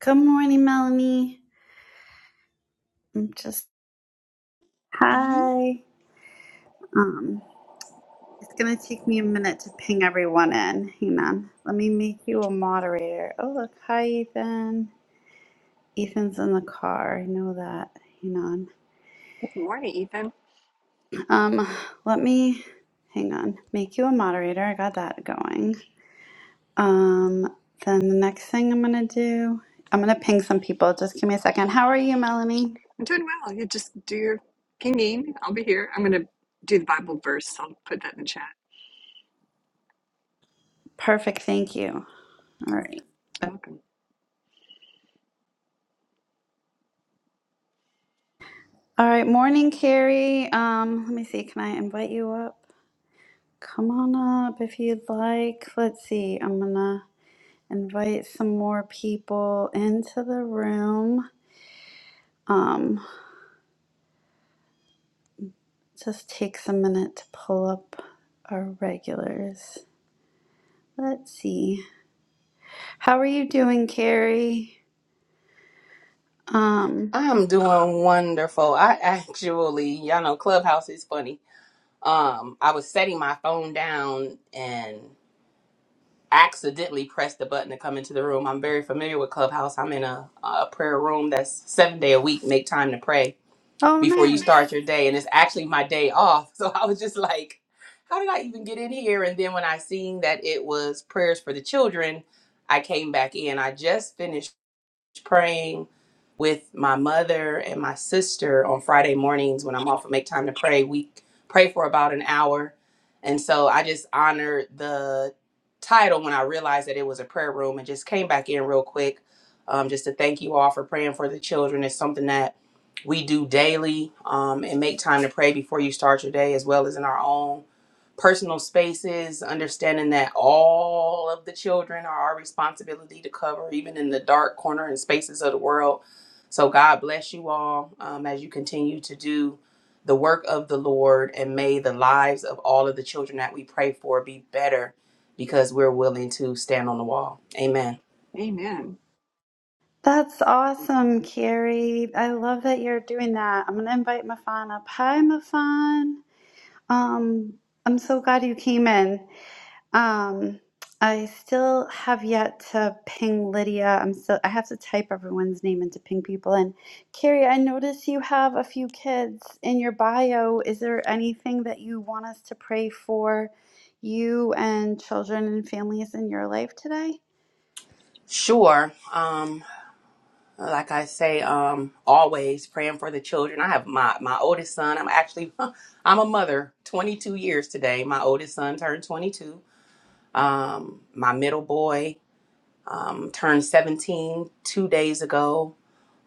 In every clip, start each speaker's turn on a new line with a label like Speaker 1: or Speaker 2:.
Speaker 1: Good morning, Melanie. I'm just
Speaker 2: Bonnie?
Speaker 1: hi. Um, it's gonna take me a minute to ping everyone in. Hang on. Let me make you a moderator. Oh look, hi Ethan. Ethan's in the car. I know that. Hang on.
Speaker 2: Good morning, Ethan.
Speaker 1: Um, let me hang on. Make you a moderator. I got that going. Um, then the next thing I'm gonna do, I'm gonna ping some people. Just give me a second. How are you, Melanie?
Speaker 2: I'm doing well. You just do your pinging. I'll be here. I'm going to do the Bible verse. I'll put that in the chat.
Speaker 1: Perfect. Thank you. All right.
Speaker 2: Welcome.
Speaker 1: All right, morning, Carrie. Um, let me see. Can I invite you up? Come on up if you'd like. Let's see. I'm gonna invite some more people into the room. Um, just takes a minute to pull up our regulars. Let's see. How are you doing, Carrie? Um,
Speaker 3: I'm doing wonderful. I actually, y'all know Clubhouse is funny. Um, I was setting my phone down and accidentally pressed the button to come into the room. I'm very familiar with Clubhouse. I'm in a, a prayer room that's seven day a week. Make time to pray
Speaker 1: oh,
Speaker 3: before you
Speaker 1: nice.
Speaker 3: start your day, and it's actually my day off. So I was just like, how did I even get in here? And then when I seen that it was prayers for the children, I came back in. I just finished praying with my mother and my sister on Friday mornings when I'm off and make time to pray. We pray for about an hour. And so I just honored the title when I realized that it was a prayer room and just came back in real quick um, just to thank you all for praying for the children. It's something that we do daily um, and make time to pray before you start your day as well as in our own personal spaces, understanding that all of the children are our responsibility to cover, even in the dark corner and spaces of the world. So, God bless you all um, as you continue to do the work of the Lord, and may the lives of all of the children that we pray for be better because we're willing to stand on the wall. Amen.
Speaker 2: Amen.
Speaker 1: That's awesome, Carrie. I love that you're doing that. I'm gonna invite Mafan up. Hi, Mafan. Um, I'm so glad you came in. Um, I still have yet to ping Lydia. I'm still, I have to type everyone's name and to ping people in. Carrie, I notice you have a few kids in your bio. Is there anything that you want us to pray for you and children and families in your life today?
Speaker 3: Sure. Um, like I say, um, always praying for the children. I have my my oldest son. I'm actually I'm a mother. 22 years today. My oldest son turned 22. Um, my middle boy um, turned 17 two days ago.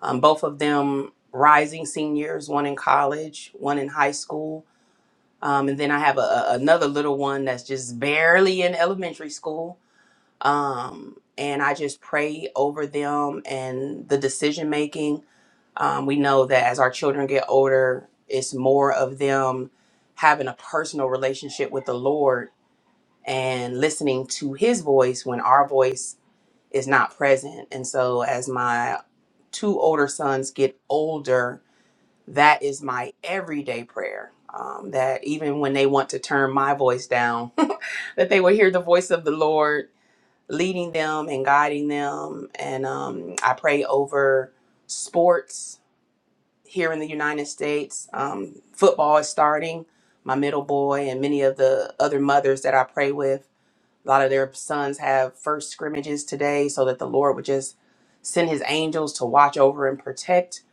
Speaker 3: Um, both of them rising seniors. One in college, one in high school. Um, and then I have a, a- another little one that's just barely in elementary school. Um, and I just pray over them and the decision making um, we know that as our children get older, it's more of them having a personal relationship with the Lord and listening to His voice when our voice is not present. And so, as my two older sons get older, that is my everyday prayer. Um, that even when they want to turn my voice down, that they will hear the voice of the Lord leading them and guiding them. And um, I pray over sports here in the United States. Um, football is starting. My middle boy and many of the other mothers that I pray with, a lot of their sons have first scrimmages today, so that the Lord would just send his angels to watch over and protect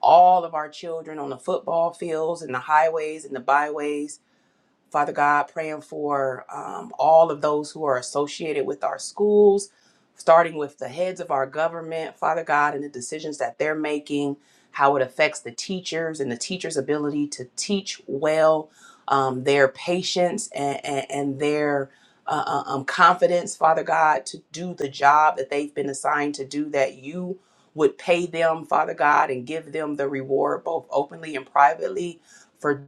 Speaker 3: all of our children on the football fields and the highways and the byways Father God, praying for um, all of those who are associated with our schools, starting with the heads of our government, Father God, and the decisions that they're making, how it affects the teachers and the teachers' ability to teach well, um, their patience and, and, and their uh, uh, um, confidence, Father God, to do the job that they've been assigned to do, that you would pay them, Father God, and give them the reward both openly and privately for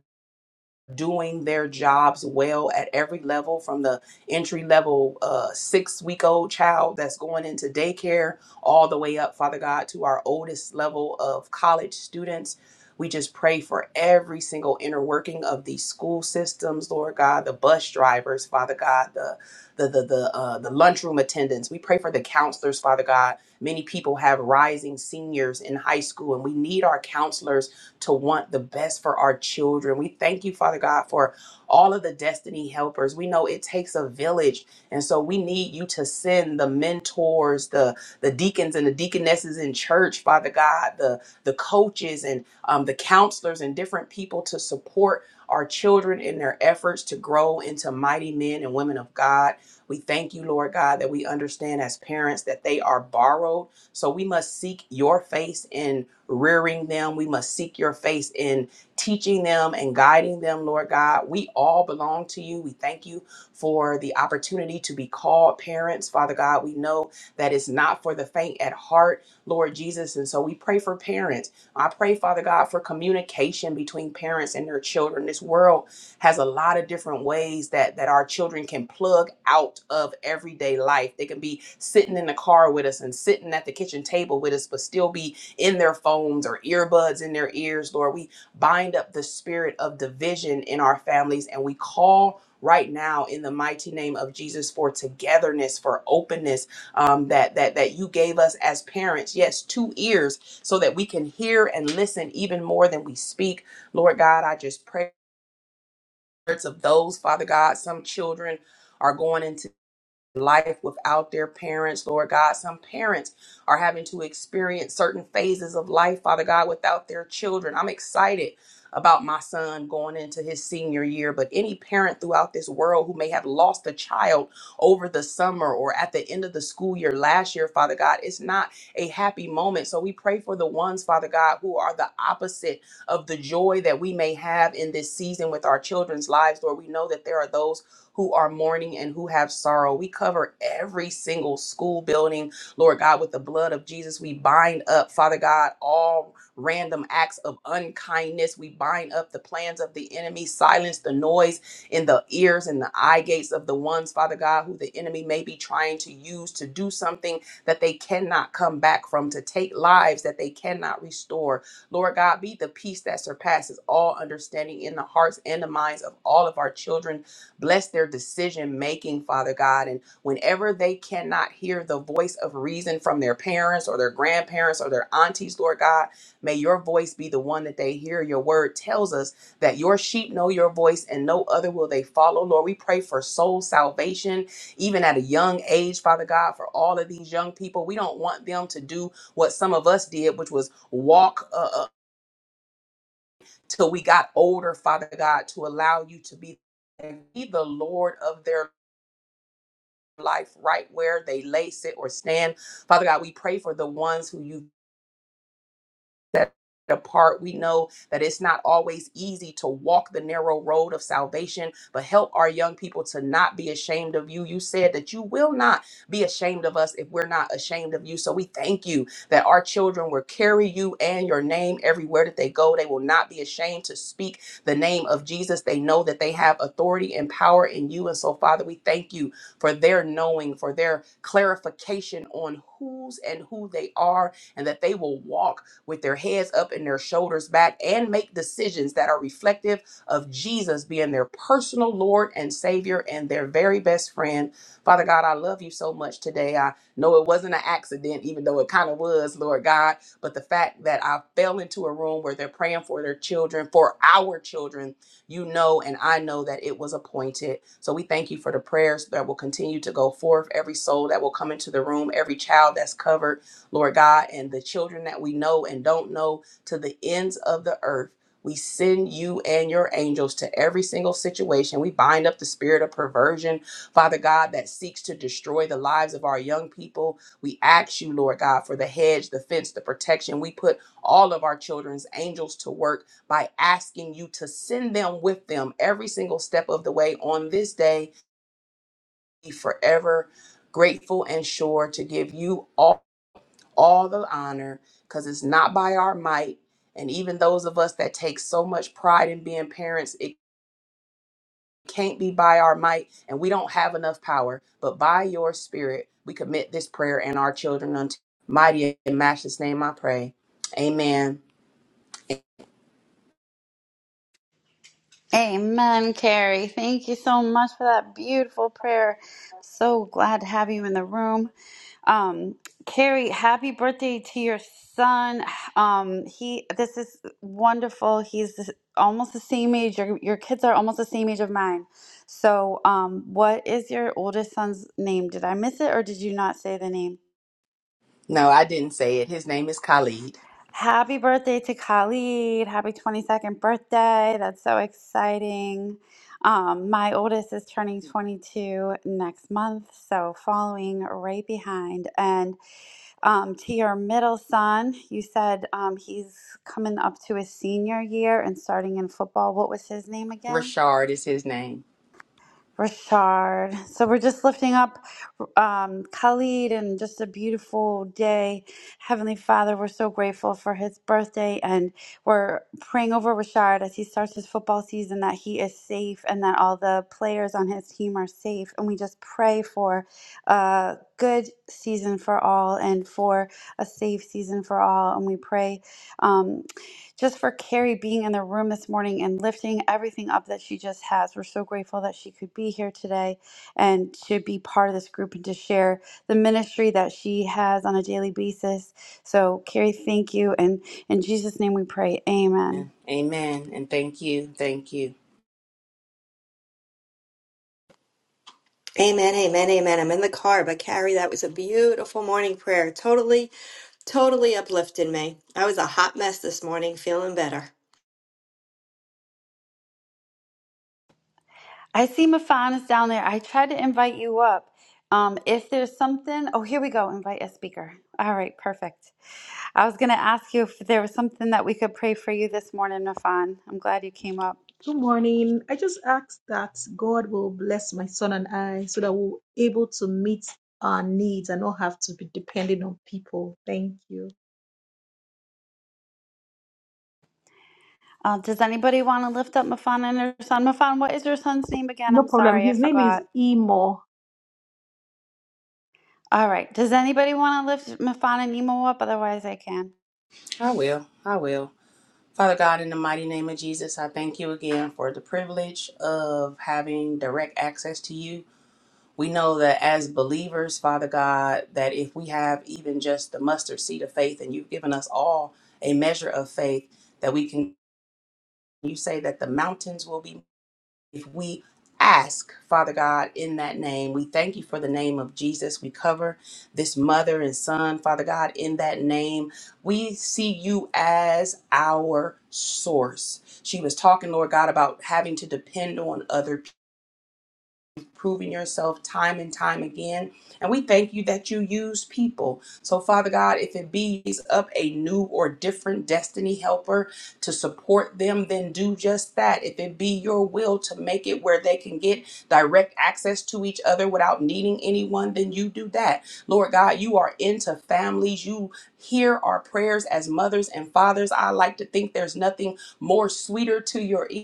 Speaker 3: doing their jobs well at every level from the entry level uh, six week old child that's going into daycare all the way up father god to our oldest level of college students we just pray for every single inner working of these school systems lord god the bus drivers father god the the the the, uh, the lunchroom attendants we pray for the counselors father god many people have rising seniors in high school and we need our counselors to want the best for our children. We thank you, Father God, for all of the destiny helpers. We know it takes a village. And so we need you to send the mentors, the the deacons and the deaconesses in church, Father God, the the coaches and um, the counselors and different people to support our children in their efforts to grow into mighty men and women of God. We thank you, Lord God, that we understand as parents that they are borrowed. So we must seek your face in rearing them. We must seek your face in teaching them and guiding them, Lord God. We all belong to you. We thank you for the opportunity to be called parents, Father God. We know that it's not for the faint at heart, Lord Jesus. And so we pray for parents. I pray, Father God, for communication between parents and their children. This world has a lot of different ways that that our children can plug out of everyday life. They can be sitting in the car with us and sitting at the kitchen table with us, but still be in their phones or earbuds in their ears, Lord. We bind up the spirit of division in our families and we call right now in the mighty name of Jesus for togetherness, for openness um, that, that, that you gave us as parents. Yes, two ears so that we can hear and listen even more than we speak. Lord God, I just pray. for the spirits Of those, Father God, some children are going into life without their parents, Lord God. Some parents are having to experience certain phases of life, Father God, without their children. I'm excited about my son going into his senior year, but any parent throughout this world who may have lost a child over the summer or at the end of the school year last year, Father God, it's not a happy moment. So we pray for the ones, Father God, who are the opposite of the joy that we may have in this season with our children's lives, Lord. We know that there are those who are mourning and who have sorrow. We cover every single school building, Lord God, with the blood of Jesus. We bind up, Father God, all random acts of unkindness. We bind up the plans of the enemy, silence the noise in the ears and the eye gates of the ones, Father God, who the enemy may be trying to use to do something that they cannot come back from, to take lives that they cannot restore. Lord God, be the peace that surpasses all understanding in the hearts and the minds of all of our children Bless their decision making, Father God. And whenever they cannot hear the voice of reason from their parents or their grandparents or their aunties, Lord God, may your voice be the one that they hear. Your word tells us that your sheep know your voice and no other will they follow. Lord, we pray for soul salvation, even at a young age, Father God, for all of these young people. We don't want them to do what some of us did, which was walk uh, uh, till we got older, Father God, to allow you to be be the Lord of their life right where they lay, sit, or stand. Father God, we pray for the ones who you set apart. We know that it's not always easy to walk the narrow road of salvation, but help our young people to not be ashamed of you. You said that you will not be ashamed of us if we're not ashamed of you. So we thank you that our children will carry you and your name everywhere that they go. They will not be ashamed to speak the name of Jesus. They know that they have authority and power in you. And so, Father, we thank you for their knowing, for their clarification on whose and who they are and that they will walk with their heads up and their shoulders back and make decisions that are reflective of Jesus being their personal Lord and Savior and their very best friend. Father God, I love you so much today. I know it wasn't an accident, even though it kind of was, Lord God, but the fact that I fell into a room where they're praying for their children, for our children, you know, and I know that it was appointed. So we thank you for the prayers that will continue to go forth, every soul that will come into the room, every child that's covered. Lord God, and the children that we know and don't know to the ends of the earth. We send you and your angels to every single situation. We bind up the spirit of perversion, Father God, that seeks to destroy the lives of our young people. We ask you, Lord God, for the hedge, the fence, the protection. We put all of our children's angels to work by asking you to send them with them every single step of the way on this day. Be forever grateful and sure to give you all all the honor because it's not by our might. And even those of us that take so much pride in being parents, it can't be by our might and we don't have enough power. But by your spirit, we commit this prayer and our children unto mighty and matchless name I pray. Amen.
Speaker 1: Amen, Carrie. Thank you so much for that beautiful prayer. So glad to have you in the room. Um, Carrie, happy birthday to your son. Um, he this is wonderful. He's the- almost the same age. Your your kids are almost the same age of mine. So, um, what is your oldest son's name? Did I miss it or did you not say the name?
Speaker 3: No, I didn't say it. His name is Khalid.
Speaker 1: Happy birthday to Khalid. Happy 22nd birthday. That's so exciting. Um, my oldest is turning 22 next month, so following right behind. And Um, to your middle son, you said um, he's coming up to his senior year and starting in football. What was his name again?
Speaker 3: Rashard is his name.
Speaker 1: Rashard. So we're just lifting up um, Khalid and just a beautiful day. Heavenly Father, we're so grateful for his birthday and we're praying over Rashard as he starts his football season that he is safe and that all the players on his team are safe. And we just pray for a good season for all and for a safe season for all. And we pray. Um, just for Carrie being in the room this morning and lifting everything up that she just has. We're so grateful that she could be here today and to be part of this group and to share the ministry that she has on a daily basis. So, Carrie, thank you. And in Jesus' name we pray. Amen.
Speaker 3: Amen. And thank you. Thank you.
Speaker 4: Amen, amen, amen. I'm in the car, but Carrie, that was a beautiful morning prayer. Totally, totally uplifted me. I was a hot mess this morning, feeling better.
Speaker 1: I see Mafan is down there. I tried to invite you up. Um, if there's something, oh, here we go. Invite a speaker. All right, perfect. I was going to ask you if there was something that we could pray for you this morning, Mafan. I'm glad you came up.
Speaker 5: Good morning. I just ask that God will bless my son and I so that we're able to meet our needs and not have to be dependent on people. Thank you.
Speaker 1: Uh, does anybody want to lift up Mafan and her son? Mafan, what is your son's name again?
Speaker 5: No
Speaker 1: I'm
Speaker 5: problem.
Speaker 1: sorry, I
Speaker 5: His name is
Speaker 1: forgot.
Speaker 5: Emo.
Speaker 1: All right. Does anybody want to lift Mafan and Nemo up? Otherwise, I can.
Speaker 3: I will. I will. Father God, in the mighty name of Jesus, I thank you again for the privilege of having direct access to you. We know that as believers, Father God, that if we have even just the mustard seed of faith, and you've given us all a measure of faith, that we can, you say that the mountains will be if we ask, Father God, in that name, we thank you for the name of Jesus. We cover this mother and son, Father God, in that name. We see you as our source. She was talking, Lord God, about having to depend on other people. You've proven yourself time and time again. And we thank you that you use people. So, Father God, if it be raise up a new or different destiny helper to support them, then do just that. If it be your will to make it where they can get direct access to each other without needing anyone, then you do that. Lord God, you are into families. You hear our prayers as mothers and fathers. I like to think there's nothing more sweeter to your ear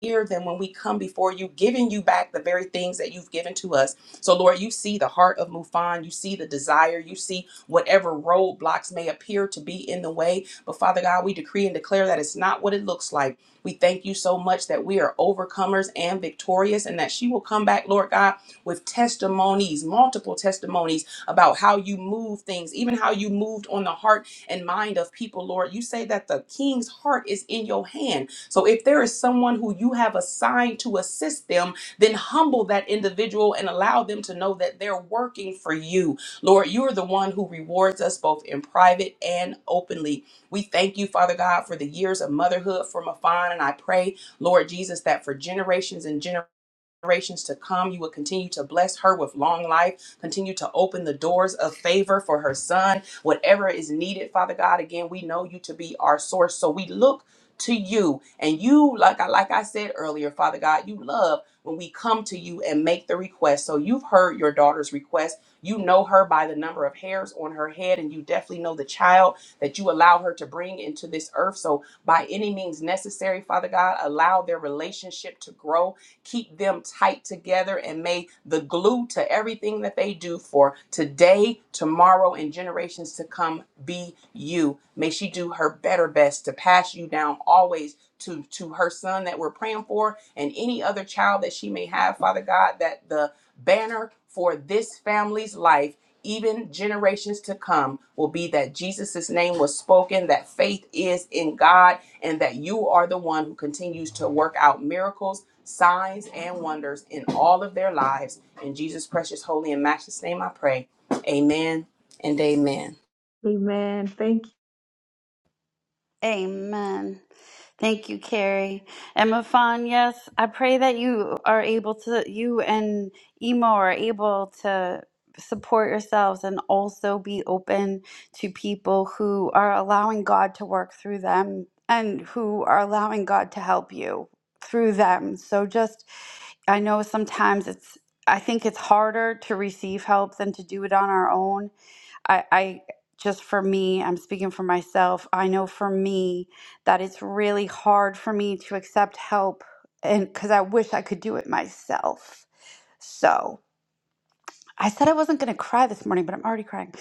Speaker 3: hear them when we come before you, giving you back the very things that you've given to us. So, Lord, you see the heart of Mufan, you see the desire, you see whatever roadblocks may appear to be in the way. But, Father God, we decree and declare that it's not what it looks like. We thank you so much that we are overcomers and victorious, and that she will come back, Lord God, with testimonies, multiple testimonies about how you move things, even how you moved on the heart and mind of people, Lord. You say that the king's heart is in your hand. So if there is someone who you have assigned to assist them, then humble that individual and allow them to know that they're working for you. Lord, you're the one who rewards us both in private and openly. We thank you, Father God, for the years of motherhood for Mafan. And I pray, Lord Jesus, that for generations and generations, generations to come. You will continue to bless her with long life, continue to open the doors of favor for her son, whatever is needed, Father God. Again, we know you to be our source. So we look to you and you like I like I said earlier, Father God, you love when we come to you and make the request. So you've heard your daughter's request. You know her by the number of hairs on her head and you definitely know the child that you allow her to bring into this earth. So by any means necessary, Father God, allow their relationship to grow Keep them tight together and may the glue to everything that they do for today, tomorrow, and generations to come be you. May she do her better best to pass you down always to, to her son that we're praying for and any other child that she may have, Father God, that the banner for this family's life even generations to come will be that Jesus' name was spoken, that faith is in God, and that you are the one who continues to work out miracles, signs, and wonders in all of their lives. In Jesus' precious, holy, and matchless name, I pray. Amen and amen.
Speaker 5: Amen. Thank
Speaker 1: Amen. Thank you, Carrie. And Mafan, yes, I pray that you are able to, you and Emo are able to support yourselves and also be open to people who are allowing God to work through them and who are allowing God to help you through them. So just, I know sometimes it's, I think it's harder to receive help than to do it on our own I, I just for me, I'm speaking for myself. I know for me that it's really hard for me to accept help and because I wish I could do it myself. So. I said I wasn't going to cry this morning, but I'm already crying.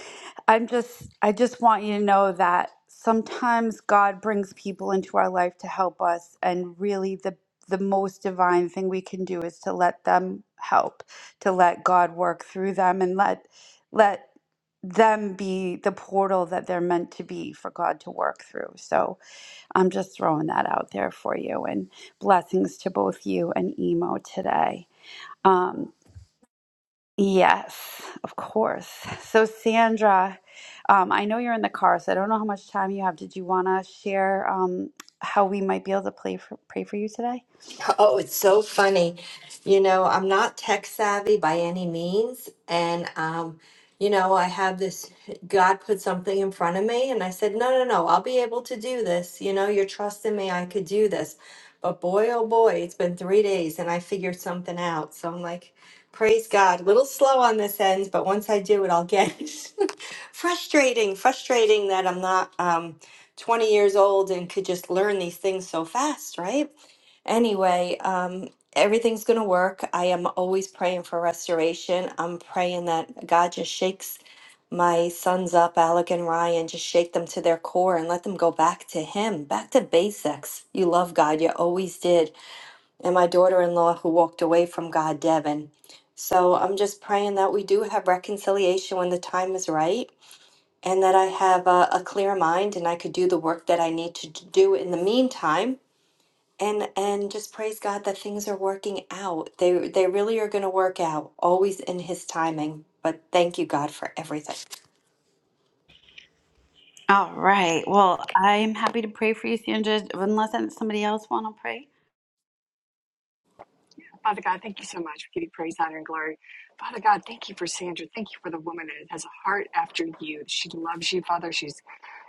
Speaker 1: I'm just, I just want you to know that sometimes God brings people into our life to help us, and really the the most divine thing we can do is to let them help, to let God work through them, and let let them be the portal that they're meant to be for God to work through. So I'm just throwing that out there for you, and blessings to both you and Emo today. Um, Yes, of course. So, Sandra, um, I know you're in the car, so I don't know how much time you have. Did you want to share um, how we might be able to play for, pray for you today?
Speaker 4: Oh, it's so funny. You know, I'm not tech savvy by any means. And, um, you know, I have this, God put something in front of me, and I said, no, no, no, I'll be able to do this. You know, you're trusting me, I could do this. But boy, oh boy, it's been three days and I figured something out. So I'm like, praise God. A little slow on this end, but once I do it, I'll get it. frustrating, frustrating that I'm not um, 20 years old and could just learn these things so fast, right? Anyway, um, everything's going to work. I am always praying for restoration. I'm praying that God just shakes my sons up, Alec and Ryan, just shake them to their core and let them go back to Him, back to basics. You love God, you always did. And my daughter in law who walked away from God, Devin. So I'm just praying that we do have reconciliation when the time is right and that I have a, a clear mind and I could do the work that I need to do in the meantime and and just praise God that things are working out. They they really are going to work out, always in His timing. But thank you, God, for everything.
Speaker 1: All right. Well, I'm happy to pray for you, Sandra, unless somebody else want to pray.
Speaker 2: Father God, thank you so much. We give you praise, honor, and glory. Father God, thank you for Sandra. Thank you for the woman that has a heart after you. She loves you, Father. She's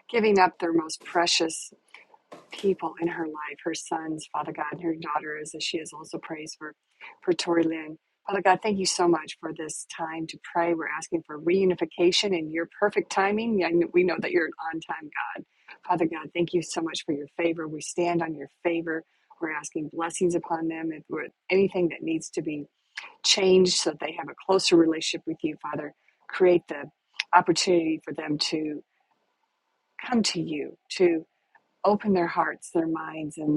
Speaker 2: giving up their most precious. people in her life, her sons, Father God, and her daughters, as she has also praised for, for Tori Lynn. Father God, thank you so much for this time to pray. We're asking for reunification in your perfect timing. Yeah, I kn- We know that you're an on time God. Father God, thank you so much for your favor. We stand on your favor. We're asking blessings upon them. If we're, anything that needs to be changed so that they have a closer relationship with you, Father, create the opportunity for them to come to you, to open their hearts, their minds, and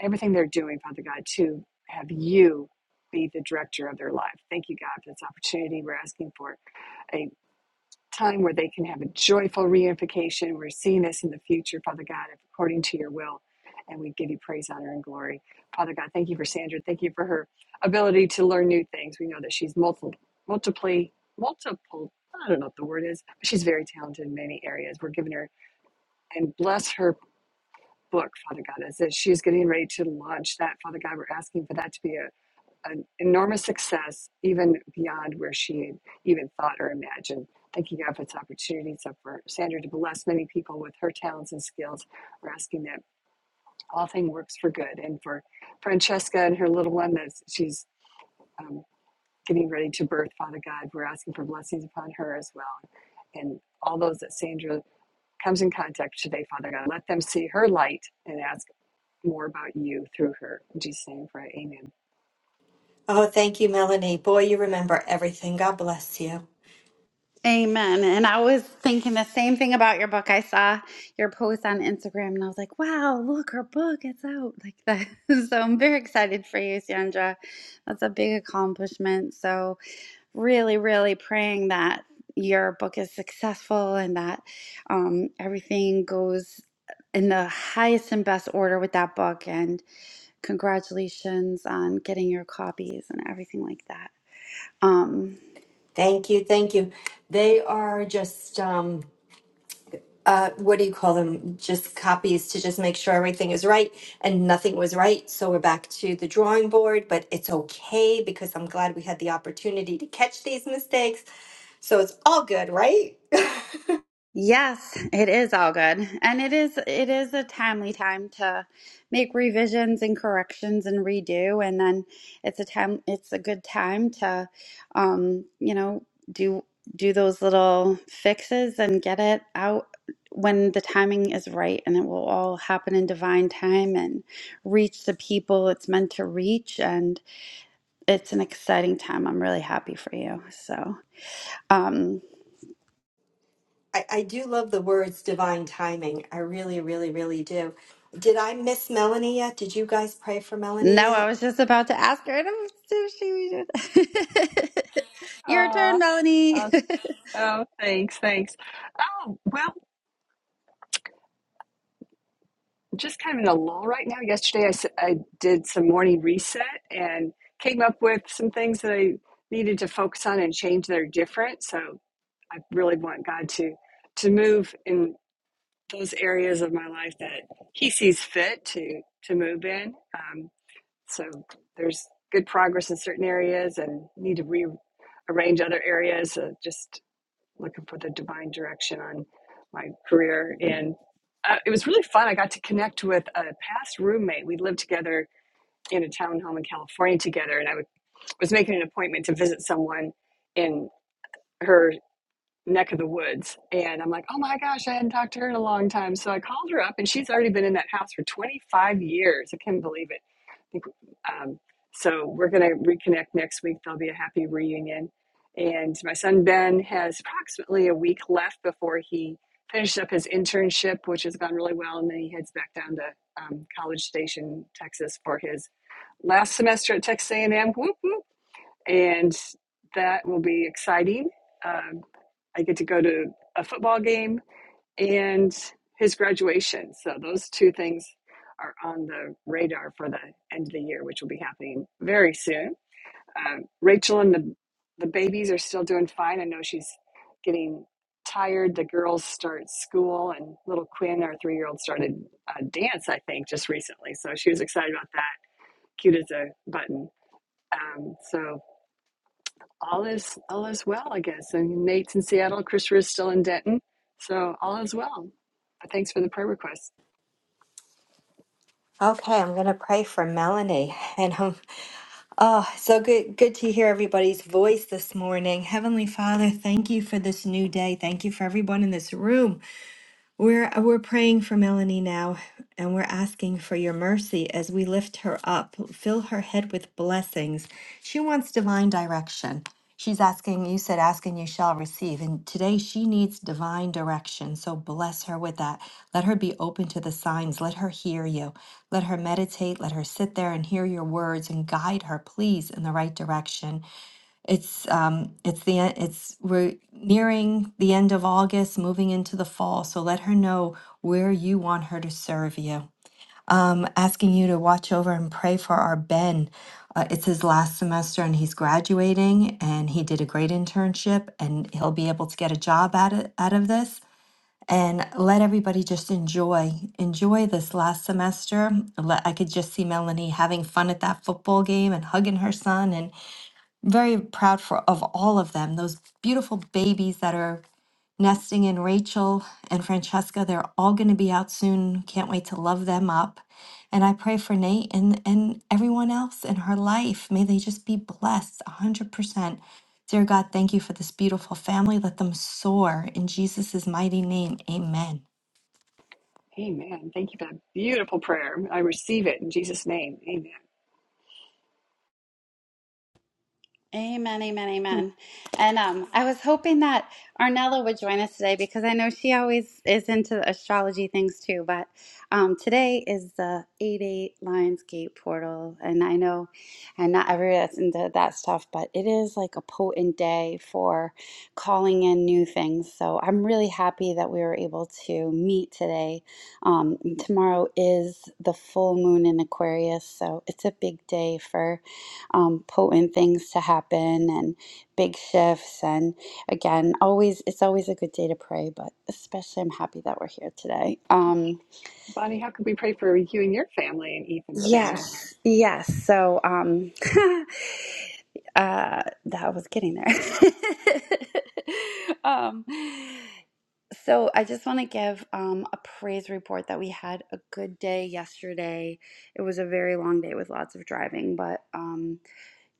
Speaker 2: everything they're doing, Father God, to have you be the director of their life. Thank you, God, for this opportunity. We're asking for a time where they can have a joyful reunification. We're seeing this in the future, Father God, according to your will. And we give you praise, honor, and glory. Father God, thank you for Sandra. Thank you for her ability to learn new things. We know that she's multiple, multiply, multiple, I don't know what the word is, but she's very talented in many areas. We're giving her and bless her book, Father God, as she's getting ready to launch that. Father God, we're asking for that to be a, an enormous success, even beyond where she had even thought or imagined. Thank you, God, for this opportunity. So for Sandra to bless many people with her talents and skills, we're asking that all thing works for good. And for Francesca and her little one that she's um, getting ready to birth, Father God, we're asking for blessings upon her as well. And all those that Sandra comes in contact today, Father God, let them see her light and ask more about you through her. In Jesus' name, we pray. Amen.
Speaker 4: Oh, thank you, Melanie. Boy, you remember everything. God bless you.
Speaker 1: Amen. And I was thinking the same thing about your book. I saw your post on Instagram and I was like, wow, look, her book, it's out. Like that. So I'm very excited for you, Sandra. That's a big accomplishment. So really, really praying that your book is successful and that um, everything goes in the highest and best order with that book. And congratulations on getting your copies and everything like that. Um,
Speaker 4: Thank you, thank you. They are just um, uh, what do you call them? Just copies to just make sure everything is right, and nothing was right. So we're back to the drawing board. But it's okay because I'm glad we had the opportunity to catch these mistakes. So it's all good, right?
Speaker 1: Yes, it is all good. And it is it is a timely time to make revisions and corrections and redo and then it's a time it's a good time to um, you know, do do those little fixes and get it out when the timing is right and it will all happen in divine time and reach the people it's meant to reach and it's an exciting time. I'm really happy for you. So, um
Speaker 4: I, I do love the words divine timing. I really, really, really do. Did I miss Melanie yet? Did you guys pray for Melanie
Speaker 1: No, I
Speaker 4: yet?
Speaker 1: was just about to ask her if she was. Your turn,
Speaker 2: Uh,
Speaker 1: Melanie.
Speaker 2: uh, oh, thanks, thanks. Oh, well, just kind of in a lull right now. Yesterday, I, s- I did some morning reset and came up with some things that I needed to focus on and change that are different. So I really want God to to move in those areas of my life that He sees fit to to move in. Um, So there's good progress in certain areas and need to rearrange other areas. So just looking for the divine direction on my career. And uh, it was really fun. I got to connect with a past roommate. We lived together in a townhome in California together, and I would, was making an appointment to visit someone in her neck of the woods. And I'm like, oh my gosh, I hadn't talked to her in a long time. So I called her up, and she's already been in that house for 25 years. I can't believe it. I think, um, so we're going to reconnect next week. There'll be a happy reunion. And my son Ben has approximately a week left before he finishes up his internship, which has gone really well. And then he heads back down to um, College Station, Texas for his last semester at Texas A&M. Whoop, whoop and that will be exciting. Um, I get to go to a football game and his graduation. So those two things are on the radar for the end of the year, which will be happening very soon. Um, Rachel and the the babies are still doing fine. I know she's getting tired. The girls start school, and little Quinn, our three year old, started uh, dance. I think just recently, so she was excited about that. Cute as a button. Um, so all is all is well, I guess. And Nate's in Seattle, Christopher is still in Denton, so all is well. But thanks for the prayer request.
Speaker 4: Okay, I'm gonna pray for Melanie. And um, oh, so good, good to hear everybody's voice this morning. Heavenly Father, thank you for this new day. Thank you for everyone in this room. We're we're praying for Melanie now, and we're asking for your mercy as we lift her up. Fill her head with blessings. She wants divine direction. She's asking, you said, asking you shall receive. And today she needs divine direction. So bless her with that. Let her be open to the signs. Let her hear you. Let her meditate. Let her sit there and hear your words and guide her, please, in the right direction. It's um it's the en- it's we're nearing the end of August, moving into the fall, so let her know where you want her to serve you. Um, asking you to watch over and pray for our Ben. Uh, it's his last semester and he's graduating and he did a great internship and he'll be able to get a job out of, out of this. And let everybody just enjoy enjoy this last semester. Let, I could just see Melanie having fun at that football game and hugging her son and very proud for of all of them those beautiful babies that are nesting in rachel and francesca they're all going to be out soon can't wait to love them up and i pray for nate and and everyone else in her life may they just be blessed 100% dear god thank you for this beautiful family let them soar in jesus' mighty name amen
Speaker 2: Amen. Thank you for that beautiful prayer. I receive it in Jesus' name. Amen.
Speaker 1: Amen, amen, amen. And um, I was hoping that Arnella would join us today because I know she always is into the astrology things too. But um, today is the 8 8 Lionsgate portal. And I know, and not everybody that's into that stuff, but it is like a potent day for calling in new things. So I'm really happy that we were able to meet today. Um, tomorrow is the full moon in Aquarius. So it's a big day for um, potent things to happen and big shifts. And again, always it's always a good day to pray, but especially I'm happy that we're here today. Um,
Speaker 2: Bonnie, how could we pray for you and your family and Ethan's family?
Speaker 1: yes, yes. So um, uh, that was getting there. um, so I just want to give um, a praise report that we had a good day yesterday. It was a very long day with lots of driving, but. Um,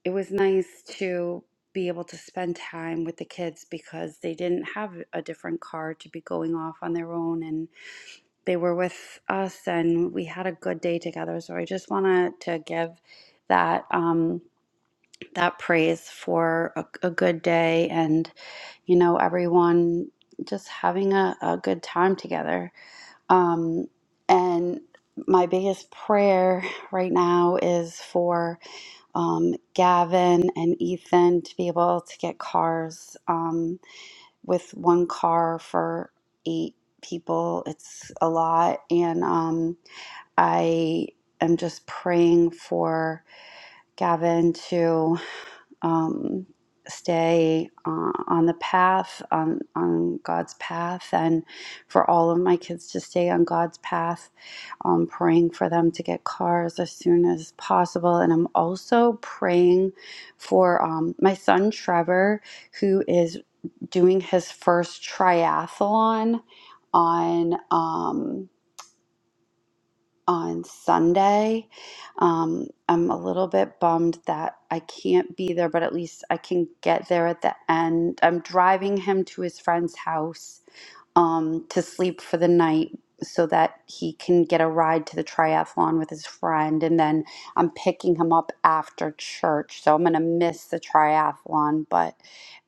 Speaker 1: it was nice to be able to spend time with the kids because they didn't have a different car to be going off on their own and they were with us and we had a good day together so i just wanted to give that um, that praise for a, a good day and you know everyone just having a, a good time together um, and my biggest prayer right now is for um, Gavin and Ethan to be able to get cars um, with one car for eight people. It's a lot. And um, I am just praying for Gavin to um, stay uh, on the path, on, on God's path, and for all of my kids to stay on God's path, um, praying for them to get cars as soon as possible. And I'm also praying for um, my son Trevor, who is doing his first triathlon on. Um, on Sunday. Um, I'm a little bit bummed that I can't be there, but at least I can get there at the end. I'm driving him to his friend's house um, to sleep for the night so that he can get a ride to the triathlon with his friend. And then I'm picking him up after church. So I'm going to miss the triathlon, but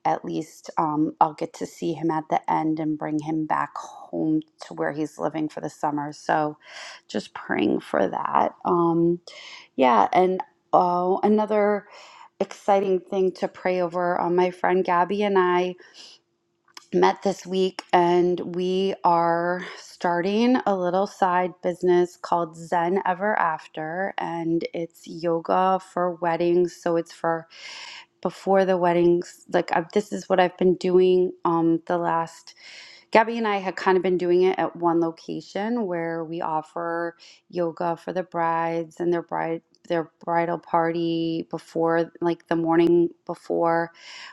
Speaker 1: at least um, I'll get to see him at the end and bring him back home to where he's living for the summer. So just praying for that. Um, yeah. And oh, another exciting thing to pray over. Uh, my friend Gabby and I met this week and we are starting a little side business called Zen Ever After and it's yoga for weddings so it's for before the weddings like I've, this is what I've been doing um the last Gabby and I had kind of been doing it at one location where we offer yoga for the brides and their bride their bridal party before like the morning before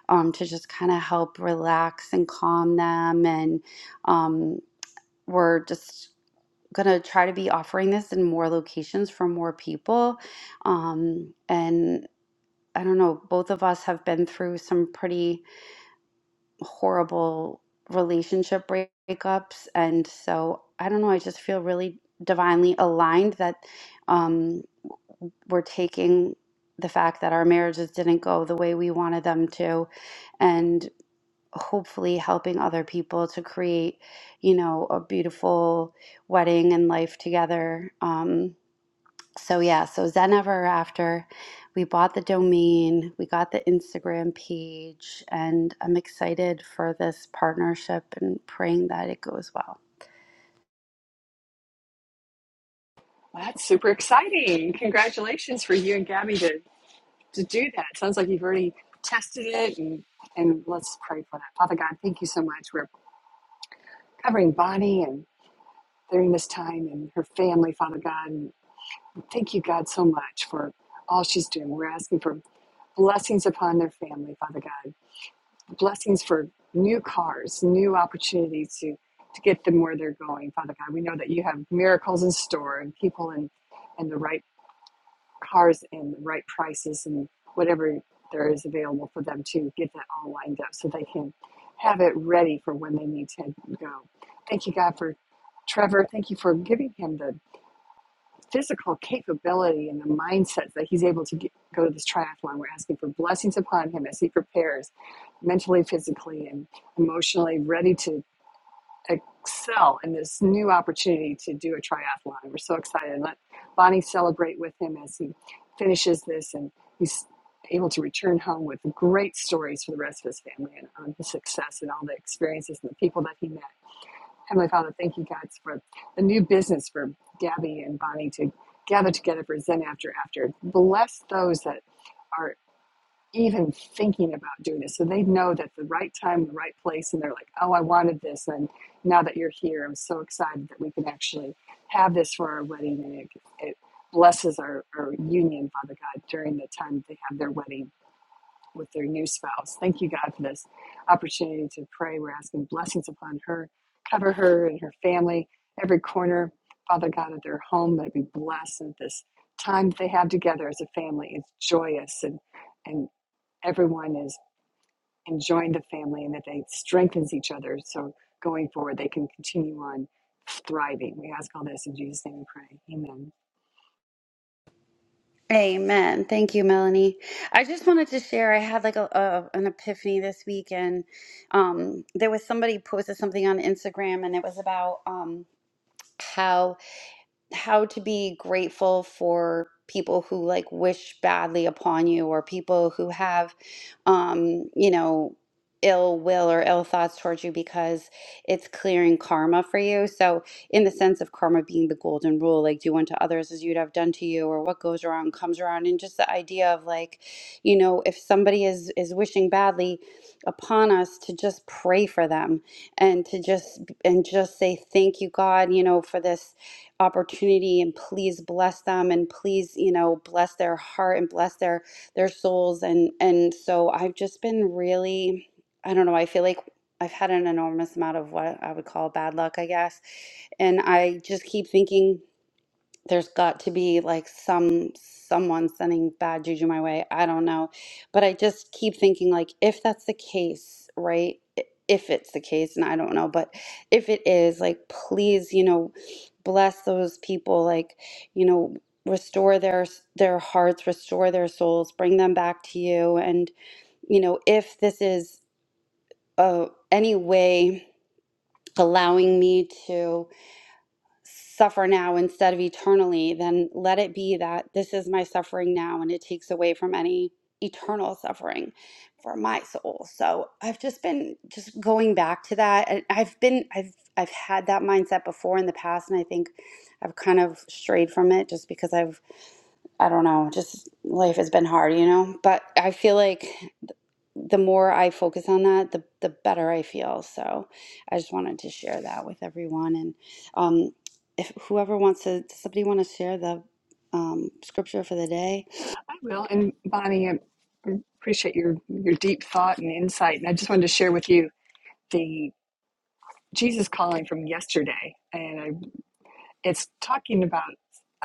Speaker 1: um, to just kind of help relax and calm them and um, we're just gonna try to be offering this in more locations for more people um, and i don't know both of us have been through some pretty horrible relationship breakups and so i don't know i just feel really divinely aligned that um, we're taking the fact that our marriages didn't go the way we wanted them to and hopefully helping other people to create you know a beautiful wedding and life together um, so yeah, so Zen Ever After, we bought the domain, we got the Instagram page, and I'm excited for this partnership and praying that it goes well.
Speaker 2: Well, that's super exciting. Congratulations for you and Gabby to, to do that. Sounds like you've already tested it and and let's pray for that. Father God, thank you so much. We're covering Bonnie and during this time and her family, Father God. Thank you, God, so much for all she's doing. We're asking for blessings upon their family, Father God. Blessings for new cars, new opportunities to, to get them where they're going, Father God. We know that you have miracles in store and people in, and the right cars and the right prices and whatever there is available for them to get that all lined up so they can have it ready for when they need to go. Thank you, God, for Trevor. Thank you for giving him the physical capability and the mindsets that he's able to get, go to this triathlon. We're asking for blessings upon him as he prepares mentally, physically, and emotionally, ready to excel in this new opportunity to do a triathlon. We're so excited. Let Bonnie celebrate with him as he finishes this and he's able to return home with great stories for the rest of his family and on the success and all the experiences and the people that he met Heavenly Father, thank you, God, for the new business for Gabby and Bonnie to gather together for Zen After After. Bless those that are even thinking about doing this so they know that the right time, the right place, and they're like, oh, I wanted this. And now that you're here, I'm so excited that we can actually have this for our wedding. And it, it blesses our, our union, Father God, during the time they have their wedding with their new spouse. Thank you, God, for this opportunity to pray. We're asking blessings upon her, cover her and her family, every corner, Father God, of their home. Let it be blessed and this time that they have together as a family is joyous and and everyone is enjoying the family and that they strengthens each other. So going forward, they can continue on thriving. We ask all this in Jesus' name. We pray. Amen.
Speaker 1: Amen. Thank you, Melanie. I just wanted to share. I had like a, a an epiphany this week, and um, there was somebody posted something on Instagram, and it was about um, how how to be grateful for people who like wish badly upon you or people who have um you know ill will or ill thoughts towards you because it's clearing karma for you so in the sense of karma being the golden rule like do unto others as you'd have done to you or what goes around comes around and just the idea of like you know if somebody is is wishing badly upon us to just pray for them and to just and just say thank you god you know for this opportunity and please bless them and please you know bless their heart and bless their their souls and and so I've just been really I don't know I feel like I've had an enormous amount of what I would call bad luck I guess and I just keep thinking there's got to be like some someone sending bad juju my way. I don't know. But I just keep thinking like if that's the case, right? I- If it's the case and I don't know, but if it is, like please, you know, bless those people like, you know, restore their their hearts, restore their souls, bring them back to you and, you know, if this is uh any way allowing me to suffer now instead of eternally, then let it be that this is my suffering now and it takes away from any eternal suffering for my soul. So I've just been just going back to that. And I've been I've I've had that mindset before in the past and I think I've kind of strayed from it just because I've I don't know, just life has been hard, you know? But I feel like the more I focus on that, the the better I feel. So I just wanted to share that with everyone. And um if whoever wants to, does somebody want to share the um, scripture for the day?
Speaker 2: I will. And Bonnie, I appreciate your your deep thought and insight. And I just wanted to share with you. the Jesus calling from yesterday, and I, it's talking about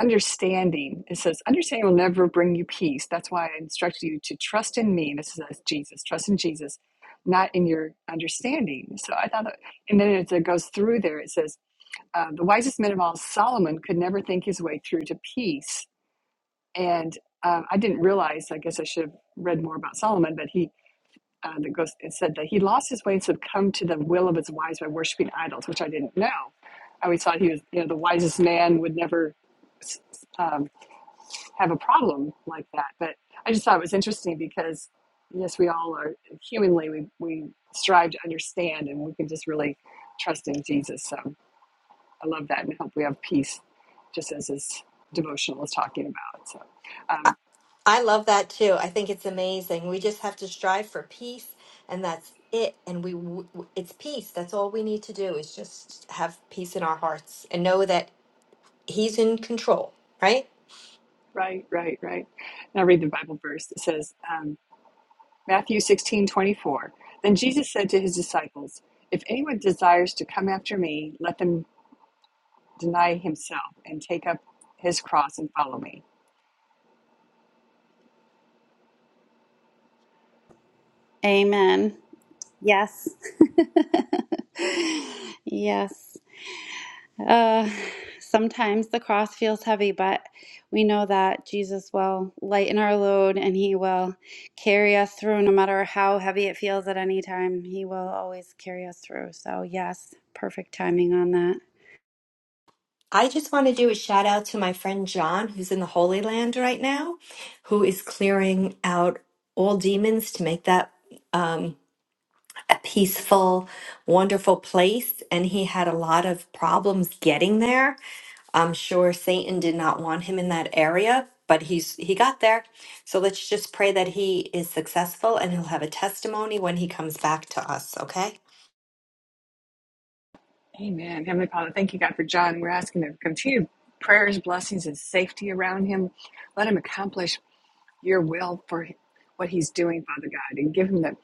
Speaker 2: understanding. It says, Understanding will never bring you peace. That's why I instructed you to trust in me. This is Jesus, trust in Jesus, not in your understanding. So I thought, that, and then it goes through there. It says, uh, The wisest man of all, Solomon, could never think his way through to peace. And um, I didn't realize, I guess I should have read more about Solomon, but he uh, that goes it said that he lost his way and succumbed to the will of his wives by worshiping idols, which I didn't know. I always thought he was, you know, the wisest man would never um, have a problem like that. But I just thought it was interesting because yes, we all are humanly we we strive to understand, and we can just really trust in Jesus. So I love that, and hope we have peace, just as this devotional is talking about. So. Um,
Speaker 4: I love that too. I think it's amazing. We just have to strive for peace, and that's it. And we, w- w- it's peace. That's all we need to do is just have peace in our hearts and know that He's in control, right?
Speaker 2: Right, right, right. Now read the Bible verse. It says, um, Matthew 16:24. Then Jesus said to his disciples, "If anyone desires to come after me, let them deny himself and take up his cross and follow me."
Speaker 1: Amen. Yes. yes. Uh, sometimes the cross feels heavy, but we know that Jesus will lighten our load and he will carry us through no matter how heavy it feels at any time. He will always carry us through. So, yes, perfect timing on that.
Speaker 4: I just want to do a shout out to my friend John, who's in the Holy Land right now, who is clearing out all demons to make that. um, a peaceful, wonderful place, and he had a lot of problems getting there. I'm sure Satan did not want him in that area, but he's he got there. So let's just pray that he is successful and he'll have a testimony when he comes back to us, okay?
Speaker 2: Amen. Heavenly Father, thank you God for John. We're asking of continued prayers, blessings and safety around him. Let him accomplish your will for what he's doing, Father God, and give him the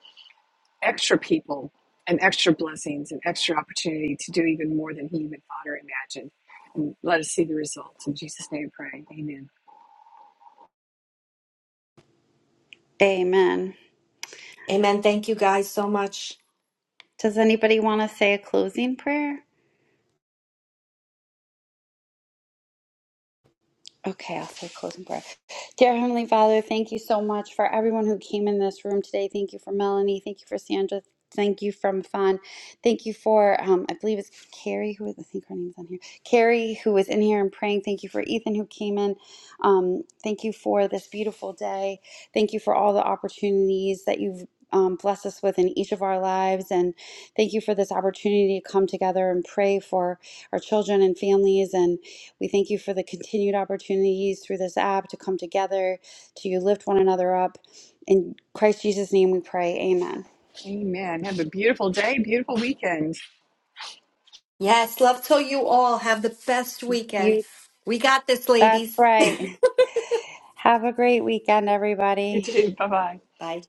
Speaker 2: extra people and extra blessings and extra opportunity to do even more than he even thought or imagined. And let us see the results. In Jesus' name we pray. Amen.
Speaker 1: Amen.
Speaker 4: Amen. Thank you guys so much.
Speaker 1: Does anybody want to say a closing prayer? Okay, I'll say closing prayer. Dear Heavenly Father, thank you so much for everyone who came in this room today. Thank you for Melanie. Thank you for Sandra. Thank you from Fawn. Thank you for um, I believe it's Carrie who is I think her name's on here. Carrie who was in here and praying. Thank you for Ethan who came in. Um, thank you for this beautiful day. Thank you for all the opportunities that you've um, blessed us with in each of our lives, and thank you for this opportunity to come together and pray for our children and families. and we thank you for the continued opportunities through this app to come together, to lift one another up. In Christ Jesus' name we pray. Amen.
Speaker 2: Amen. Have a beautiful day, beautiful weekend.
Speaker 4: Yes, love to you all. Have the best weekend.
Speaker 1: You
Speaker 4: We got this,
Speaker 1: that's
Speaker 4: ladies.
Speaker 1: right. Have a great weekend,
Speaker 2: You
Speaker 1: everybody.
Speaker 2: too. Bye bye.
Speaker 4: Bye.